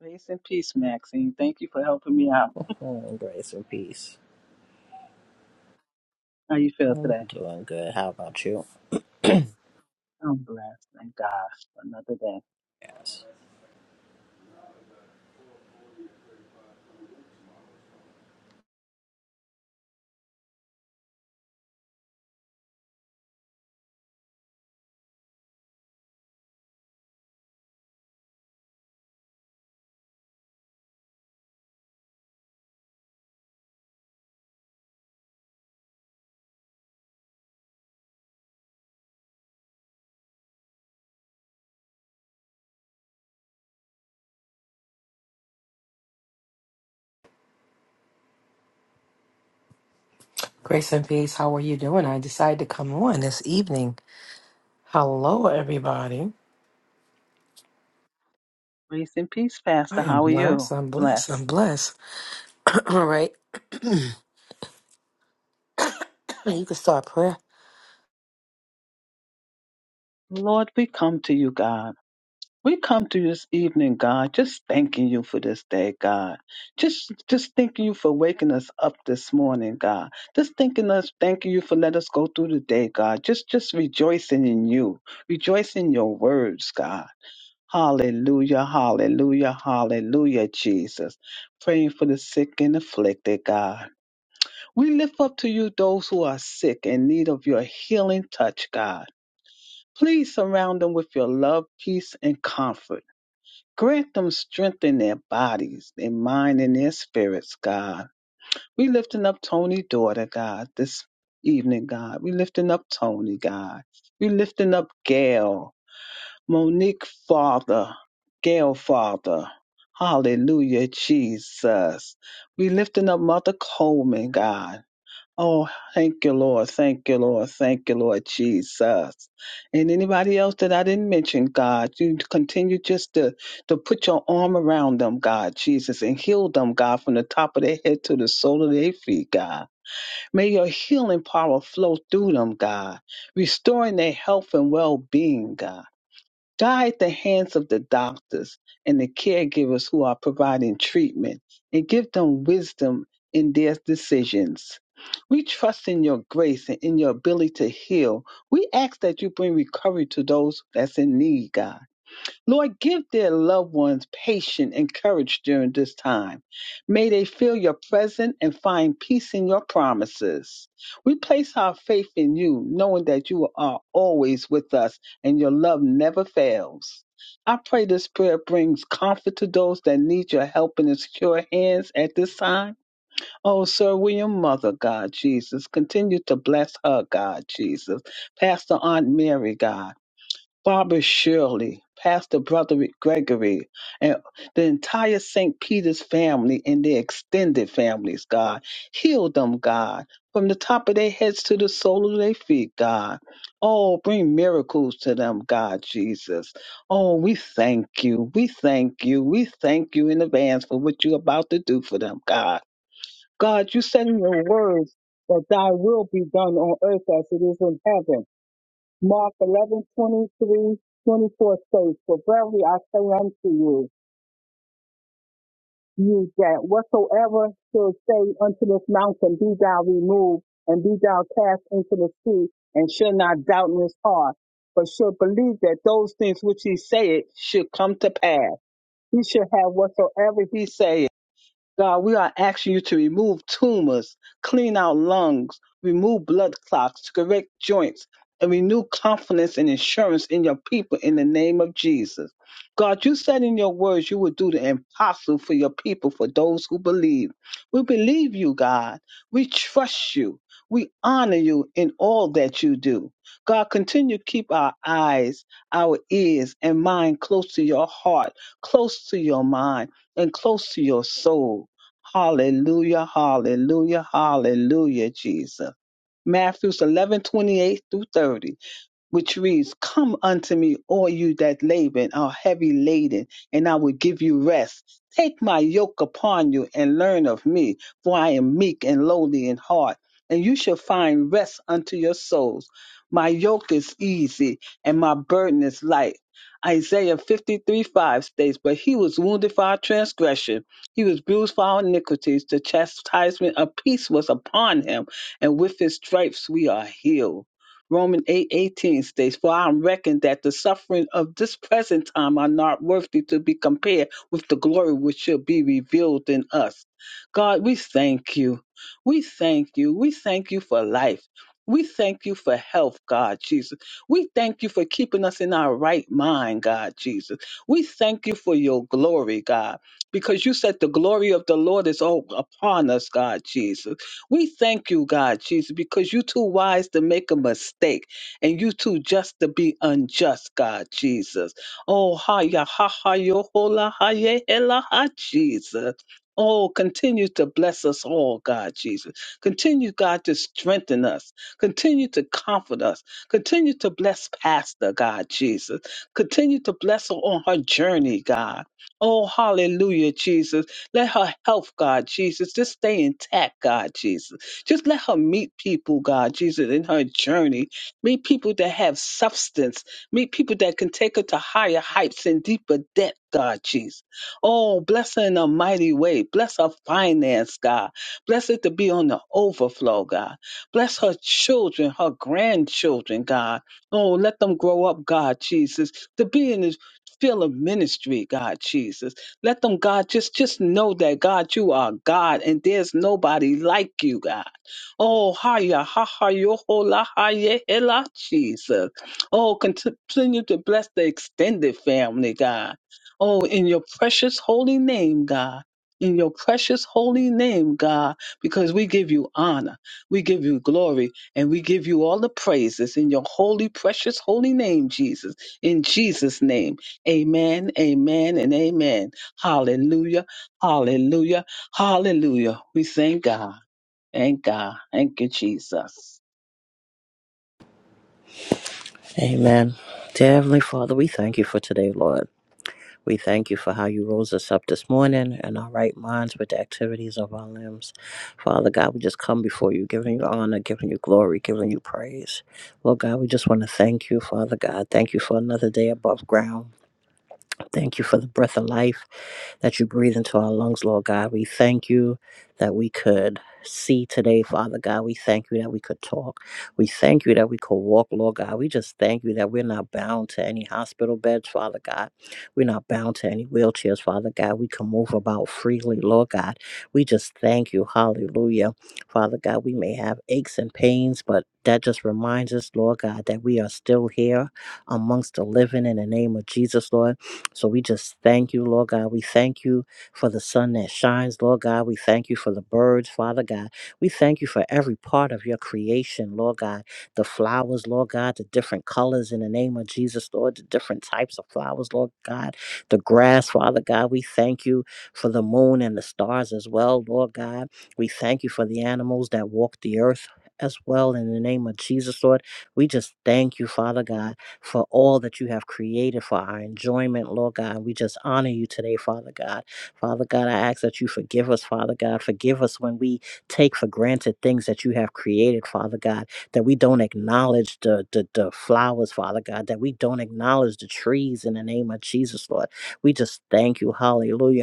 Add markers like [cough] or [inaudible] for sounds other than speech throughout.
Grace and peace, Maxine. Thank you for helping me out. [laughs] grace and peace. How you feel I'm today? doing good. How about you? I'm blessed. Thank God for another day. Yes. Grace and peace. How are you doing? I decided to come on this evening. Hello, everybody. Grace and peace, I Pastor. am How are you? blessed. I'm blessed. I'm Blessed. blessed. [clears throat] All right. [clears throat] you can start prayer. Lord, we come to you, God. We come to you this evening, God, just thanking you for this day, God. Just just thanking you for waking us up this morning, God. Just thanking us, thanking you for letting us go through the day, God. Just just rejoicing in you. Rejoicing in your words, God. Hallelujah, hallelujah, hallelujah, Jesus. Praying for the sick and afflicted, God. We lift up to you those who are sick in need of your healing touch, God. Please surround them with your love, peace, and comfort. Grant them strength in their bodies, their mind, and their spirits, God. We lifting up Tony's daughter, God, this evening, God. We lifting up Tony, God. We lifting up Gail. Monique Father, Gail Father. Hallelujah, Jesus. We lifting up Mother Coleman, God. Oh, thank you, Lord. Thank you, Lord. Thank you, Lord Jesus. And anybody else that I didn't mention, God, you continue just to, to put your arm around them, God, Jesus, and heal them, God, from the top of their head to the sole of their feet, God. May your healing power flow through them, God, restoring their health and well being, God. Die at the hands of the doctors and the caregivers who are providing treatment and give them wisdom in their decisions. We trust in your grace and in your ability to heal. We ask that you bring recovery to those that's in need, God. Lord, give their loved ones patience and courage during this time. May they feel your presence and find peace in your promises. We place our faith in you, knowing that you are always with us and your love never fails. I pray this prayer brings comfort to those that need your help and secure hands at this time. Oh, Sir William, Mother God, Jesus, continue to bless her, God, Jesus. Pastor Aunt Mary, God. Barbara Shirley, Pastor Brother Gregory, and the entire St. Peter's family and their extended families, God. Heal them, God, from the top of their heads to the sole of their feet, God. Oh, bring miracles to them, God Jesus. Oh, we thank you. We thank you. We thank you in advance for what you're about to do for them, God. God, you said in your words that thy will be done on earth as it is in heaven. Mark 11 23 24 says, For verily I say unto you, you that whatsoever shall say unto this mountain, be thou removed, and be thou cast into the sea, and shall not doubt in his heart, but shall believe that those things which he saith should come to pass. He should have whatsoever he saith. God, we are asking you to remove tumors, clean our lungs, remove blood clots, correct joints, and renew confidence and assurance in your people in the name of Jesus. God, you said in your words you would do the impossible for your people, for those who believe. We believe you, God. We trust you. We honor you in all that you do. God, continue to keep our eyes, our ears, and mind close to your heart, close to your mind, and close to your soul. Hallelujah, hallelujah, hallelujah, Jesus. Matthew 11 28 through 30 which reads, Come unto me, all you that labor and are heavy laden, and I will give you rest. Take my yoke upon you and learn of me, for I am meek and lowly in heart, and you shall find rest unto your souls. My yoke is easy and my burden is light. Isaiah 53 5 states, But he was wounded for our transgression, he was bruised for our iniquities. The chastisement of peace was upon him, and with his stripes we are healed. Romans eight eighteen states, For I reckon that the suffering of this present time are not worthy to be compared with the glory which shall be revealed in us. God, we thank you. We thank you. We thank you for life. We thank you for health, God Jesus. We thank you for keeping us in our right mind, God Jesus. We thank you for your glory, God, because you said the glory of the Lord is all upon us, God Jesus. We thank you, God, Jesus, because you too wise to make a mistake and you too just to be unjust, God, Jesus. Oh, ha, ya, ha, ha, yo, ho, la, ha, ye, he, la, ha, Jesus. Oh, continue to bless us all, God, Jesus. Continue, God, to strengthen us. Continue to comfort us. Continue to bless Pastor, God, Jesus. Continue to bless her on her journey, God. Oh, hallelujah, Jesus. Let her health, God Jesus, just stay intact, God Jesus. Just let her meet people, God Jesus, in her journey. Meet people that have substance. Meet people that can take her to higher heights and deeper depth, God Jesus. Oh, bless her in a mighty way. Bless her finance, God. Bless it to be on the overflow, God. Bless her children, her grandchildren, God. Oh, let them grow up, God Jesus, to be in this field of ministry, God Jesus. Let them, God, just just know that God, you are God, and there's nobody like you, God. Oh, hiya, ha ha, yo ho la ha ye he, la, Jesus. Oh, continue to bless the extended family, God. Oh, in your precious holy name, God. In your precious holy name, God, because we give you honor, we give you glory, and we give you all the praises in your holy, precious, holy name, Jesus. In Jesus' name, amen, amen, and amen. Hallelujah. Hallelujah. Hallelujah. We thank God. Thank God. Thank you, Jesus. Amen. Dear Heavenly Father, we thank you for today, Lord. We thank you for how you rose us up this morning and our right minds with the activities of our limbs. Father God, we just come before you, giving you honor, giving you glory, giving you praise. Lord God, we just want to thank you, Father God. Thank you for another day above ground. Thank you for the breath of life that you breathe into our lungs, Lord God. We thank you that we could see today, Father God. We thank you that we could talk. We thank you that we could walk, Lord God. We just thank you that we're not bound to any hospital beds, Father God. We're not bound to any wheelchairs, Father God. We can move about freely, Lord God. We just thank you. Hallelujah. Father God, we may have aches and pains, but that just reminds us, Lord God, that we are still here amongst the living in the name of Jesus, Lord. So we just thank you, Lord God. We thank you for the sun that shines, Lord God. We thank you for the birds, Father God. We thank you for every part of your creation, Lord God. The flowers, Lord God, the different colors in the name of Jesus, Lord, the different types of flowers, Lord God. The grass, Father God. We thank you for the moon and the stars as well, Lord God. We thank you for the animals that walk the earth. As well, in the name of Jesus, Lord, we just thank you, Father God for all that you have created for our enjoyment, Lord God. We just honor you today, Father God. Father God, I ask that you forgive us, Father God. Forgive us when we take for granted things that you have created, Father God, that we don't acknowledge the, the, the flowers, Father God, that we don't acknowledge the trees in the name of Jesus, Lord. We just thank you. Hallelujah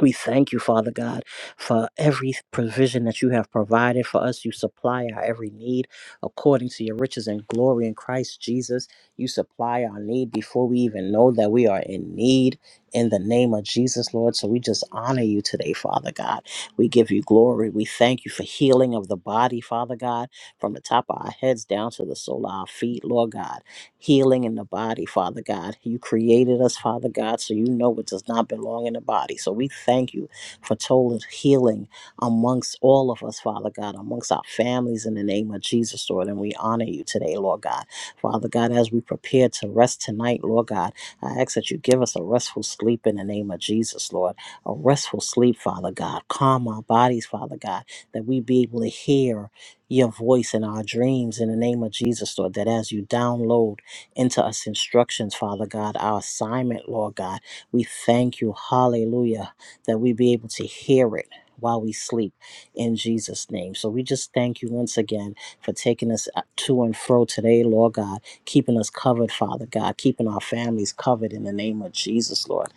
we thank you, Father God, for every provision that you have provided for us. You supply our every need according to your riches and glory in Christ Jesus. You supply our need before we even know that we are in need in the name of Jesus, Lord. So we just honor you today, Father God. We give you glory. We thank you for healing of the body, Father God, from the top of our heads down to the sole of our feet, Lord God healing in the body, Father God. You created us, Father God, so you know what does not belong in the body. So we thank you for total healing amongst all of us, Father God, amongst our families in the name of Jesus, Lord. And we honor you today, Lord God. Father God, as we prepare to rest tonight, Lord God, I ask that you give us a restful sleep in the name of Jesus, Lord. A restful sleep, Father God. Calm our bodies, Father God, that we be able to hear your voice in our dreams in the name of Jesus, Lord. That as you download, into us instructions, Father God, our assignment, Lord God. We thank you, hallelujah, that we be able to hear it while we sleep in Jesus' name. So we just thank you once again for taking us uh, to and fro today, Lord God, keeping us covered, Father God, keeping our families covered in the name of Jesus, Lord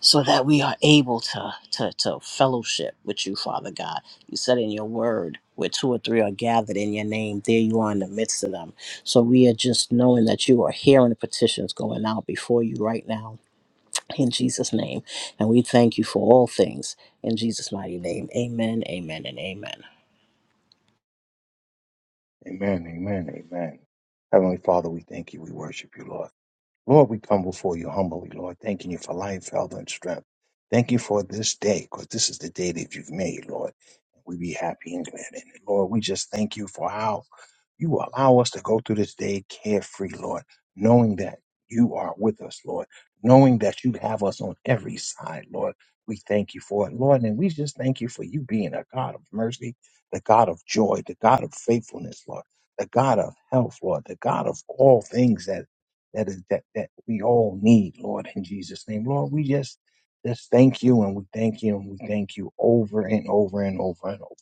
so that we are able to, to, to fellowship with you, Father God. You said in your word, where two or three are gathered in your name, there you are in the midst of them. So we are just knowing that you are hearing the petitions going out before you right now. In Jesus' name. And we thank you for all things. In Jesus' mighty name. Amen, amen, and amen. Amen. Amen. Amen. Heavenly Father, we thank you. We worship you, Lord. Lord, we come before you humbly, Lord, thanking you for life, health, and strength. Thank you for this day, because this is the day that you've made, Lord. We be happy and glad in it. Lord, we just thank you for how you allow us to go through this day carefree, Lord, knowing that you are with us, Lord, knowing that you have us on every side, Lord. We thank you for it, Lord, and we just thank you for you being a God of mercy, the God of joy, the God of faithfulness, Lord, the God of health, Lord, the God of all things that that is that that we all need, Lord, in Jesus' name. Lord, we just just thank you and we thank you and we thank you over and over and over and over.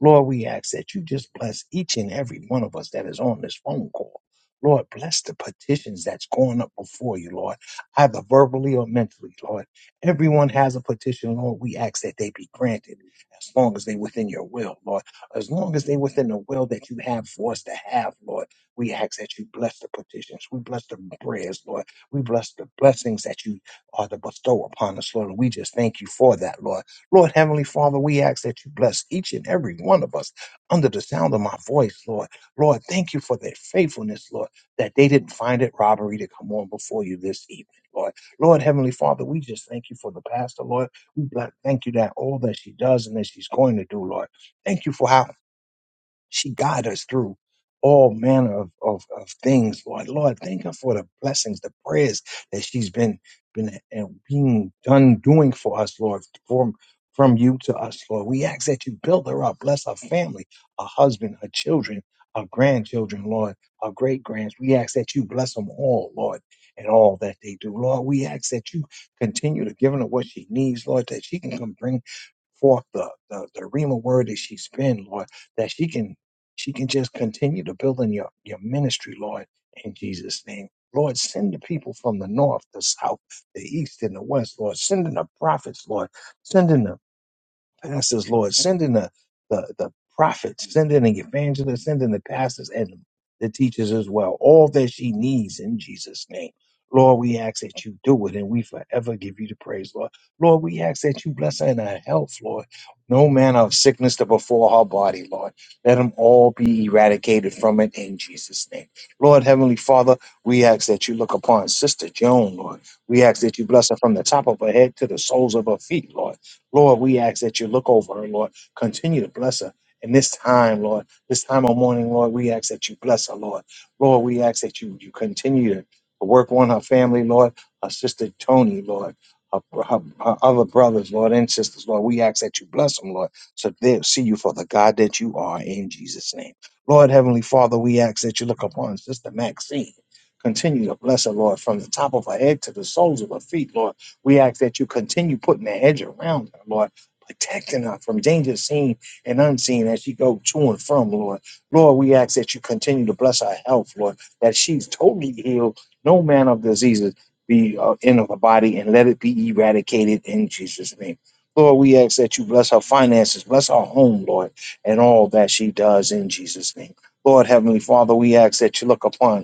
Lord, we ask that you just bless each and every one of us that is on this phone call. Lord, bless the petitions that's going up before you, Lord, either verbally or mentally, Lord. Everyone has a petition, Lord. We ask that they be granted as long as they within your will, Lord. As long as they within the will that you have for us to have, Lord. We ask that you bless the petitions. We bless the prayers, Lord. We bless the blessings that you are to bestow upon us, Lord. And we just thank you for that, Lord. Lord, Heavenly Father, we ask that you bless each and every one of us under the sound of my voice, Lord. Lord, thank you for their faithfulness, Lord, that they didn't find it robbery to come on before you this evening, Lord. Lord, Heavenly Father, we just thank you for the pastor, Lord. We bless, thank you that all that she does and that she's going to do, Lord. Thank you for how she guide us through all manner of, of, of things, Lord. Lord, thank her for the blessings, the prayers that she's been been and being done doing for us, Lord, from from you to us, Lord. We ask that you build her up, bless her family, her husband, her children, her grandchildren, Lord, her great grands. We ask that you bless them all, Lord, and all that they do. Lord, we ask that you continue to give her what she needs, Lord, that she can come bring forth the, the, the Rima word that she's been, Lord, that she can she can just continue to build in your, your ministry, Lord, in Jesus' name. Lord, send the people from the north, the south, the east, and the west, Lord. Send in the prophets, Lord. Send in the pastors, Lord. Send in the, the, the prophets, send in the evangelists, send in the pastors and the teachers as well. All that she needs in Jesus' name. Lord, we ask that you do it and we forever give you the praise, Lord. Lord, we ask that you bless her in her health, Lord. No manner of sickness to befall her body, Lord. Let them all be eradicated from it in Jesus' name. Lord, Heavenly Father, we ask that you look upon Sister Joan, Lord. We ask that you bless her from the top of her head to the soles of her feet, Lord. Lord, we ask that you look over her, Lord. Continue to bless her. in this time, Lord, this time of morning, Lord, we ask that you bless her, Lord. Lord, we ask that you, you continue to work on her family, Lord, her sister Tony, Lord, her, her, her other brothers, Lord, and sisters, Lord. We ask that you bless them, Lord, so they'll see you for the God that you are in Jesus' name. Lord, Heavenly Father, we ask that you look upon Sister Maxine. Continue to bless her, Lord, from the top of her head to the soles of her feet, Lord. We ask that you continue putting the hedge around her, Lord, protecting her from danger seen and unseen as she go to and from, Lord. Lord, we ask that you continue to bless her health, Lord, that she's totally healed, no man of diseases be uh, in her body, and let it be eradicated in Jesus' name. Lord, we ask that you bless her finances, bless her home, Lord, and all that she does in Jesus' name. Lord, Heavenly Father, we ask that you look upon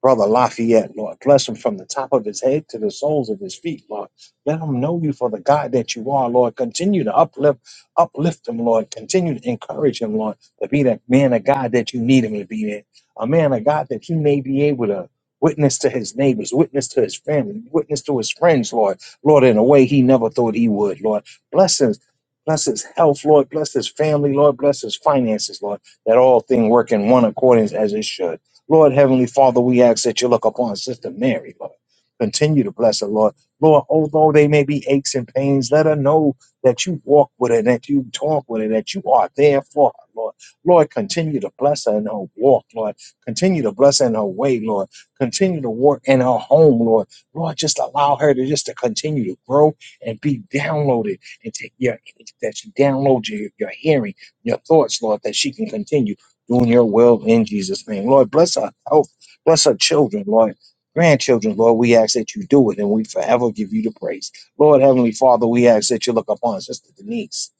Brother Lafayette, Lord, bless him from the top of his head to the soles of his feet, Lord. Let him know you for the God that you are, Lord. Continue to uplift, uplift him, Lord. Continue to encourage him, Lord, to be that man of God that you need him to be in. A man of God that you may be able to witness to his neighbors, witness to his family, witness to his friends, Lord. Lord, in a way he never thought he would, Lord. Bless his, bless his health, Lord. Bless his family, Lord. Bless his finances, Lord. That all things work in one accordance as it should. Lord Heavenly Father, we ask that you look upon Sister Mary, Lord. Continue to bless her, Lord. Lord, although they may be aches and pains, let her know that you walk with her, that you talk with her, that you are there for her, Lord. Lord, continue to bless her in her walk, Lord. Continue to bless her in her way, Lord. Continue to work in her home, Lord. Lord, just allow her to just to continue to grow and be downloaded and take your that she download your, your hearing, your thoughts, Lord, that she can continue doing your will in Jesus' name. Lord, bless our health, bless our children, Lord. Grandchildren, Lord, we ask that you do it and we forever give you the praise. Lord, Heavenly Father, we ask that you look upon Sister Denise.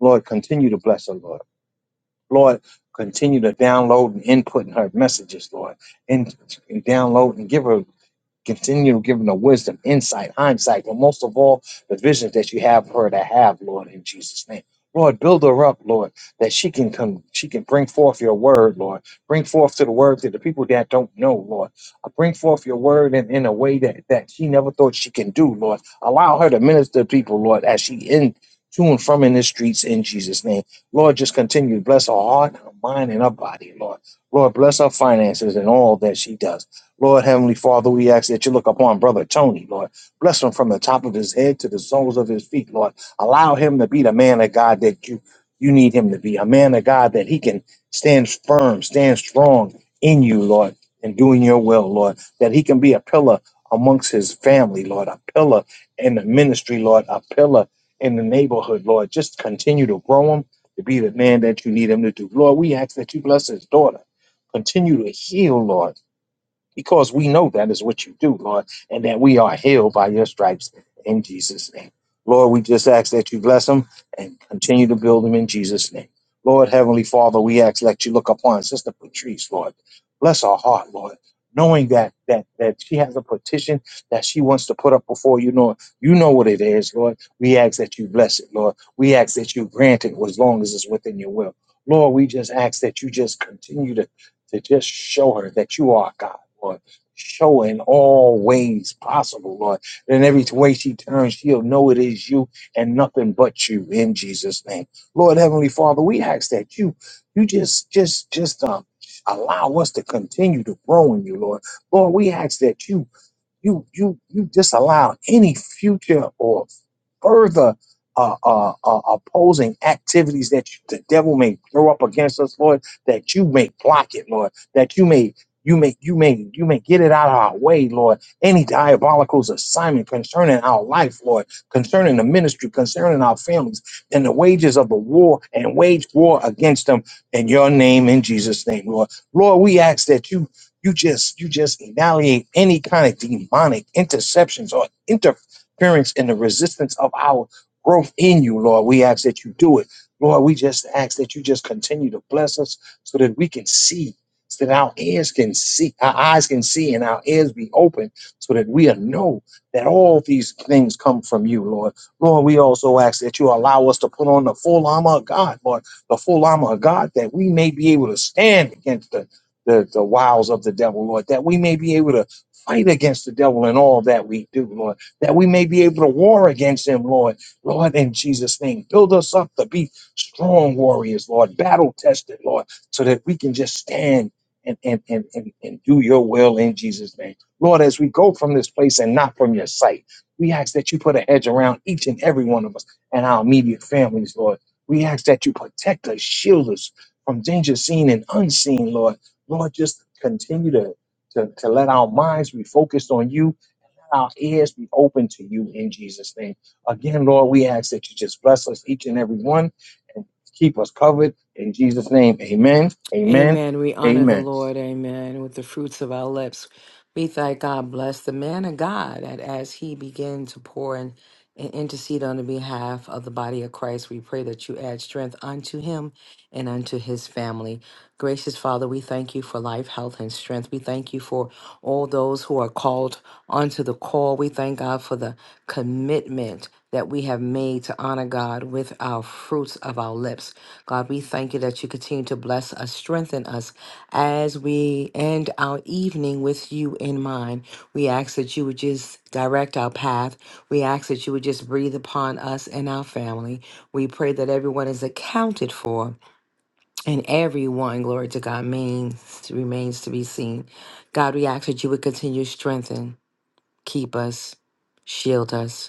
Lord, continue to bless her, Lord. Lord, continue to download and input in her messages, Lord. And and download and give her Continue giving her wisdom, insight, hindsight, but most of all, the vision that you have for her to have, Lord, in Jesus' name. Lord, build her up, Lord, that she can come, she can bring forth your word, Lord. Bring forth to the word to the people that don't know, Lord. Uh, Bring forth your word in, in a way that, that she never thought she can do, Lord. Allow her to minister to people, Lord, as she in to and from in the streets in Jesus' name. Lord, just continue to bless her heart, her mind, and her body, Lord. Lord, bless her finances and all that she does. Lord Heavenly Father, we ask that you look upon Brother Tony, Lord. Bless him from the top of his head to the soles of his feet, Lord. Allow him to be the man of God that you, you need him to be, a man of God that he can stand firm, stand strong in you, Lord, and doing your will, Lord. That he can be a pillar amongst his family, Lord, a pillar in the ministry, Lord, a pillar in the neighborhood, Lord. Just continue to grow him to be the man that you need him to do. Lord, we ask that you bless his daughter. Continue to heal, Lord because we know that is what you do, Lord, and that we are healed by your stripes in Jesus' name. Lord, we just ask that you bless them and continue to build them in Jesus' name. Lord, Heavenly Father, we ask that you look upon Sister Patrice, Lord. Bless her heart, Lord, knowing that that that she has a petition that she wants to put up before you, Lord. You know what it is, Lord. We ask that you bless it, Lord. We ask that you grant it as long as it's within your will. Lord, we just ask that you just continue to, to just show her that you are God Lord. Show her in all ways possible, Lord. That In every way she turns, she'll know it is you and nothing but you in Jesus' name. Lord Heavenly Father, we ask that you you just just just um allow us to continue to grow in you, Lord. Lord, we ask that you you you you just allow any future or further uh, uh, uh, opposing activities that you, the devil may throw up against us, Lord, that you may block it, Lord, that you may you may you may you may get it out of our way, Lord. Any diabolical assignment concerning our life, Lord, concerning the ministry, concerning our families, and the wages of the war and wage war against them in your name, in Jesus' name, Lord. Lord, we ask that you you just you just annihilate any kind of demonic interceptions or interference experience and the resistance of our growth in you, Lord. We ask that you do it. Lord, we just ask that you just continue to bless us so that we can see, so that our ears can see, our eyes can see, and our ears be open so that we know that all these things come from you, Lord. Lord, we also ask that you allow us to put on the full armor of God, Lord, the full armor of God, that we may be able to stand against the, the, the wiles of the devil, Lord, that we may be able to fight against the devil in all that we do, Lord that we may be able to war against them, Lord. Lord, in Jesus' name, build us up to be strong warriors, Lord, battle tested, Lord, so that we can just stand and, and, and, and, and do your will in Jesus' name. Lord, as we go from this place and not from your sight, we ask that you put a hedge around each and every one of us and our immediate families, Lord. We ask that you protect us, shield us from danger seen and unseen, Lord. Lord, just continue to, to, to let our minds be focused on you our ears be open to you in Jesus' name. Again, Lord, we ask that you just bless us each and every one and keep us covered in Jesus' name. Amen. Amen. Amen. We honor the Amen. Lord. Amen. With the fruits of our lips, we thank God. Bless the man of God that as he began to pour and, and intercede on the behalf of the body of Christ, we pray that you add strength unto him and unto his family. Gracious Father, we thank you for life, health, and strength. We thank you for all those who are called onto the call. We thank God for the commitment that we have made to honor God with our fruits of our lips. God, we thank you that you continue to bless us, strengthen us as we end our evening with you in mind. We ask that you would just direct our path. We ask that you would just breathe upon us and our family. We pray that everyone is accounted for and everyone, glory to God, means remains to be seen. God, we ask that you would continue to strengthen, keep us, shield us.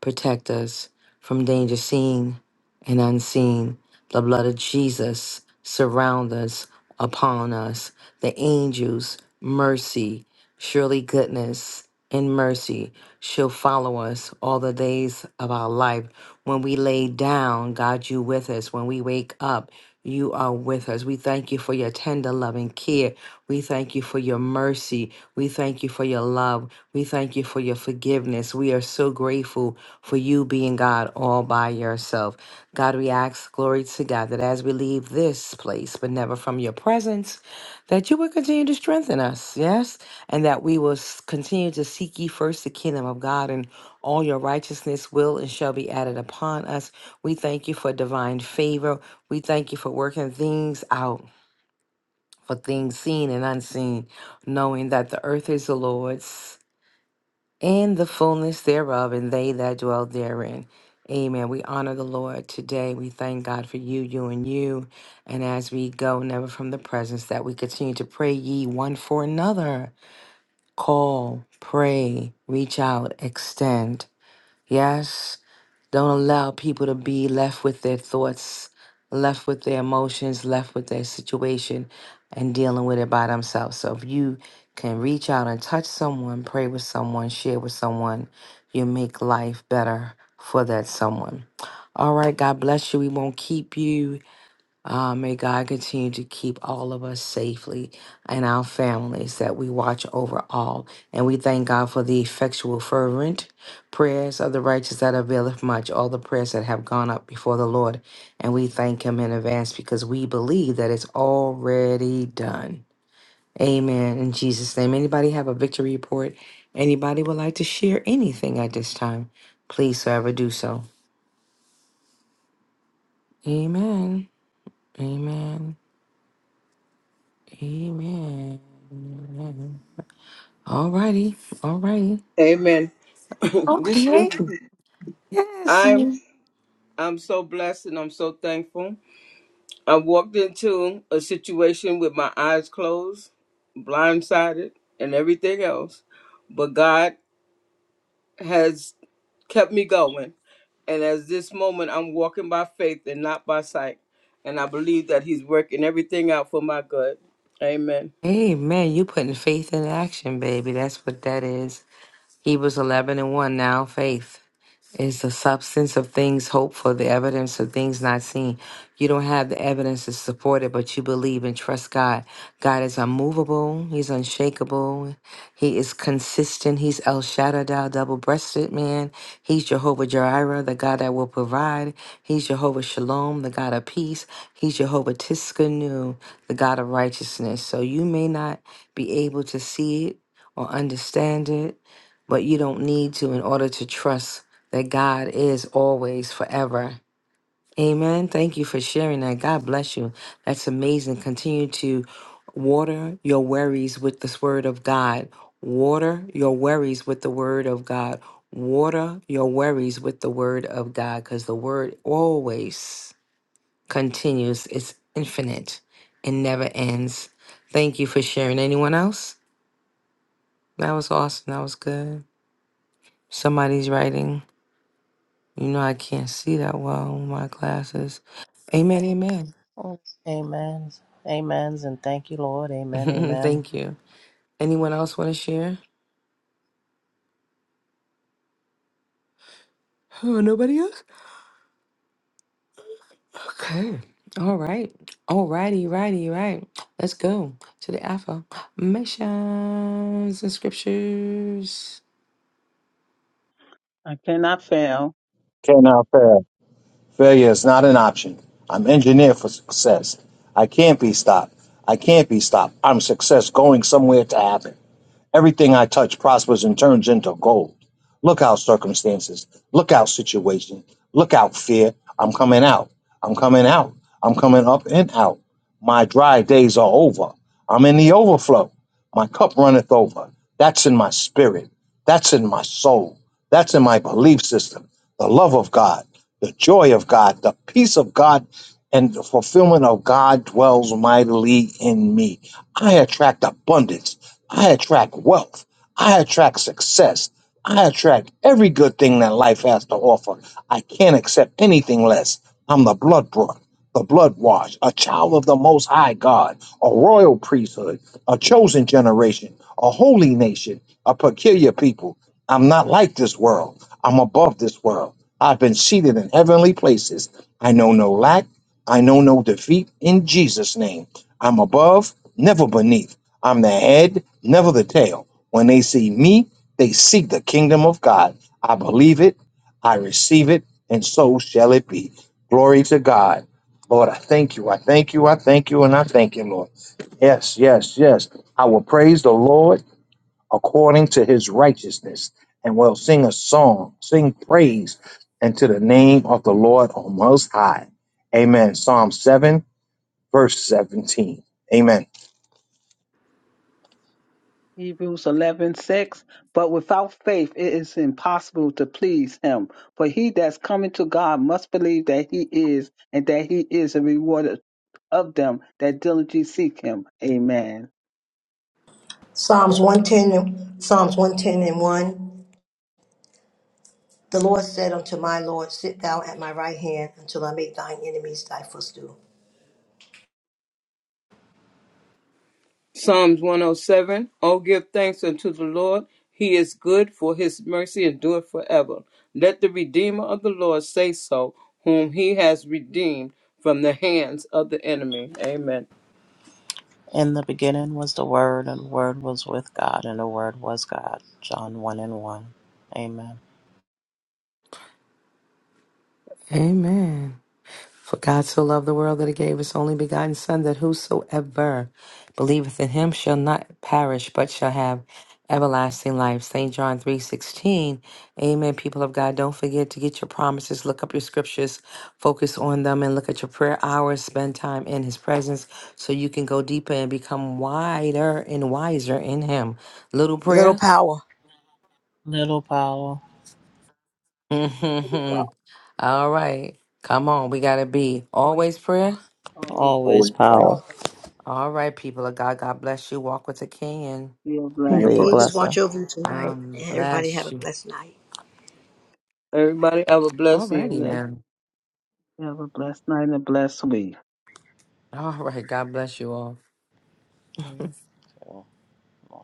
Protect us from danger seen and unseen. The blood of Jesus surround us, upon us. The angels, mercy, surely goodness and mercy shall follow us all the days of our life. When we lay down, God, you with us. When we wake up, you are with us. We thank you for your tender loving care. We thank you for your mercy. We thank you for your love. We thank you for your forgiveness. We are so grateful for you being God all by yourself. God, we ask, glory to God, that as we leave this place, but never from your presence, that you will continue to strengthen us, yes? And that we will s- continue to seek ye first the kingdom of God and all your righteousness will and shall be added upon us. We thank you for divine favor. We thank you for working things out, for things seen and unseen, knowing that the earth is the Lord's and the fullness thereof, and they that dwell therein. Amen. We honor the Lord today. We thank God for you, you, and you. And as we go, never from the presence, that we continue to pray ye one for another. Call, pray, reach out, extend. Yes. Don't allow people to be left with their thoughts, left with their emotions, left with their situation, and dealing with it by themselves. So if you can reach out and touch someone, pray with someone, share with someone, you make life better for that someone. All right, God bless you. We won't keep you. Uh, may God continue to keep all of us safely and our families that we watch over all. And we thank God for the effectual, fervent prayers of the righteous that availeth much, all the prayers that have gone up before the Lord. And we thank Him in advance because we believe that it's already done. Amen. In Jesus' name. Anybody have a victory report? Anybody would like to share anything at this time? Please, so ever do so. Amen. Amen. Amen. All righty. All righty. Amen. [laughs] this is, Okay. Yes. I'm I'm so blessed and I'm so thankful. I walked into a situation with my eyes closed, blindsided, and everything else, but God has kept me going. And as this moment, I'm walking by faith and not by sight, and I believe that He's working everything out for my good. Amen. Hey man, you putting faith in action, baby. That's what that is. Hebrews eleven and one now, faith. is the substance of things hoped for, the evidence of things not seen. You don't have the evidence to support it, but you believe and trust God. God is unmovable, He's unshakable, He is consistent, He's El Shaddai, double breasted man. He's Jehovah Jireh, the God that will provide. He's Jehovah Shalom, the God of peace. He's Jehovah Tiskanu, the God of righteousness. So you may not be able to see it or understand it, but you don't need to in order to trust that God is always forever. Amen. Thank you for sharing that. God bless you. That's amazing. Continue to water your worries with this word of God. Water your worries with the word of God. Water your worries with the word of God because the word always continues. It's infinite and never ends. Thank you for sharing. Anyone else? That was awesome. That was good. Somebody's writing. You know, I can't see that well with my glasses. Amen, amen. Oh, Amen. Amens. And thank you, Lord. Amen. [laughs] Amen. Thank you. Anyone else want to share? Oh, nobody else? Okay. All right. All righty, righty, right. Let's go to the affirmations and scriptures. I cannot fail. Can I fail. Failure is not an option. I'm engineered for success. I can't be stopped. I can't be stopped. I'm success going somewhere to happen. Everything I touch prospers and turns into gold. Look out, circumstances. Look out, situation. Look out, fear. I'm coming out. I'm coming out. I'm coming up and out. My dry days are over. I'm in the overflow. My cup runneth over. That's in my spirit. That's in my soul. That's in my belief system. The love of God, the joy of God, the peace of God, and the fulfillment of God dwells mightily in me. I attract abundance. I attract wealth. I attract success. I attract every good thing that life has to offer. I can't accept anything less. I'm the blood brought, the blood washed, a child of the Most High God, a royal priesthood, a chosen generation, a holy nation, a peculiar people. I'm not like this world. I'm above this world. I've been seated in heavenly places. I know no lack. I know no defeat in Jesus' name. I'm above, never beneath. I'm the head, never the tail. When they see me, they seek the kingdom of God. I believe it, I receive it, and so shall it be. Glory to God. Lord, I thank you. I thank you. I thank you. And I thank you, Lord. Yes, yes, yes. I will praise the Lord according to his righteousness and will sing a song, sing praise unto the name of the Lord on most high. Amen. Psalm 7, verse 17. Amen. Hebrews 11:6. But without faith, it is impossible to please him. For he that's coming to God must believe that he is and that he is a rewarder of them that diligently seek him. Amen. Psalms 110, Psalms 110 and 1. The Lord said unto my Lord, Sit thou at my right hand until I make thine enemies thy footstool. Psalms 107 Oh, seven, O give thanks unto the Lord. He is good, for his mercy endureth forever. Let the Redeemer of the Lord say so, whom he has redeemed from the hands of the enemy. Amen. In the beginning was the Word, and the Word was with God, and the Word was God. John 1 and 1. Amen. Amen. For God so loved the world that he gave his only begotten Son, that whosoever believeth in him shall not perish, but shall have everlasting life. St. John 3.16. Amen. People of God, don't forget to get your promises. Look up your scriptures. Focus on them and look at your prayer hours. Spend time in his presence so you can go deeper and become wider and wiser in him. Little Little prayer? power. Little power, [laughs] All right. Come on. We got to be Always. always prayer. power. Always be always Holy power. God, All right, people of God, God bless you. Walk with the King and a be May a the Be a blessing. blessing. angels watch blessing. over you tonight. um And everybody have bless a you. blessed night. Everybody, have a All blessed righty evening. now. Have a blessed night and a blessed week. All right, God bless you all. Thank you, Lord.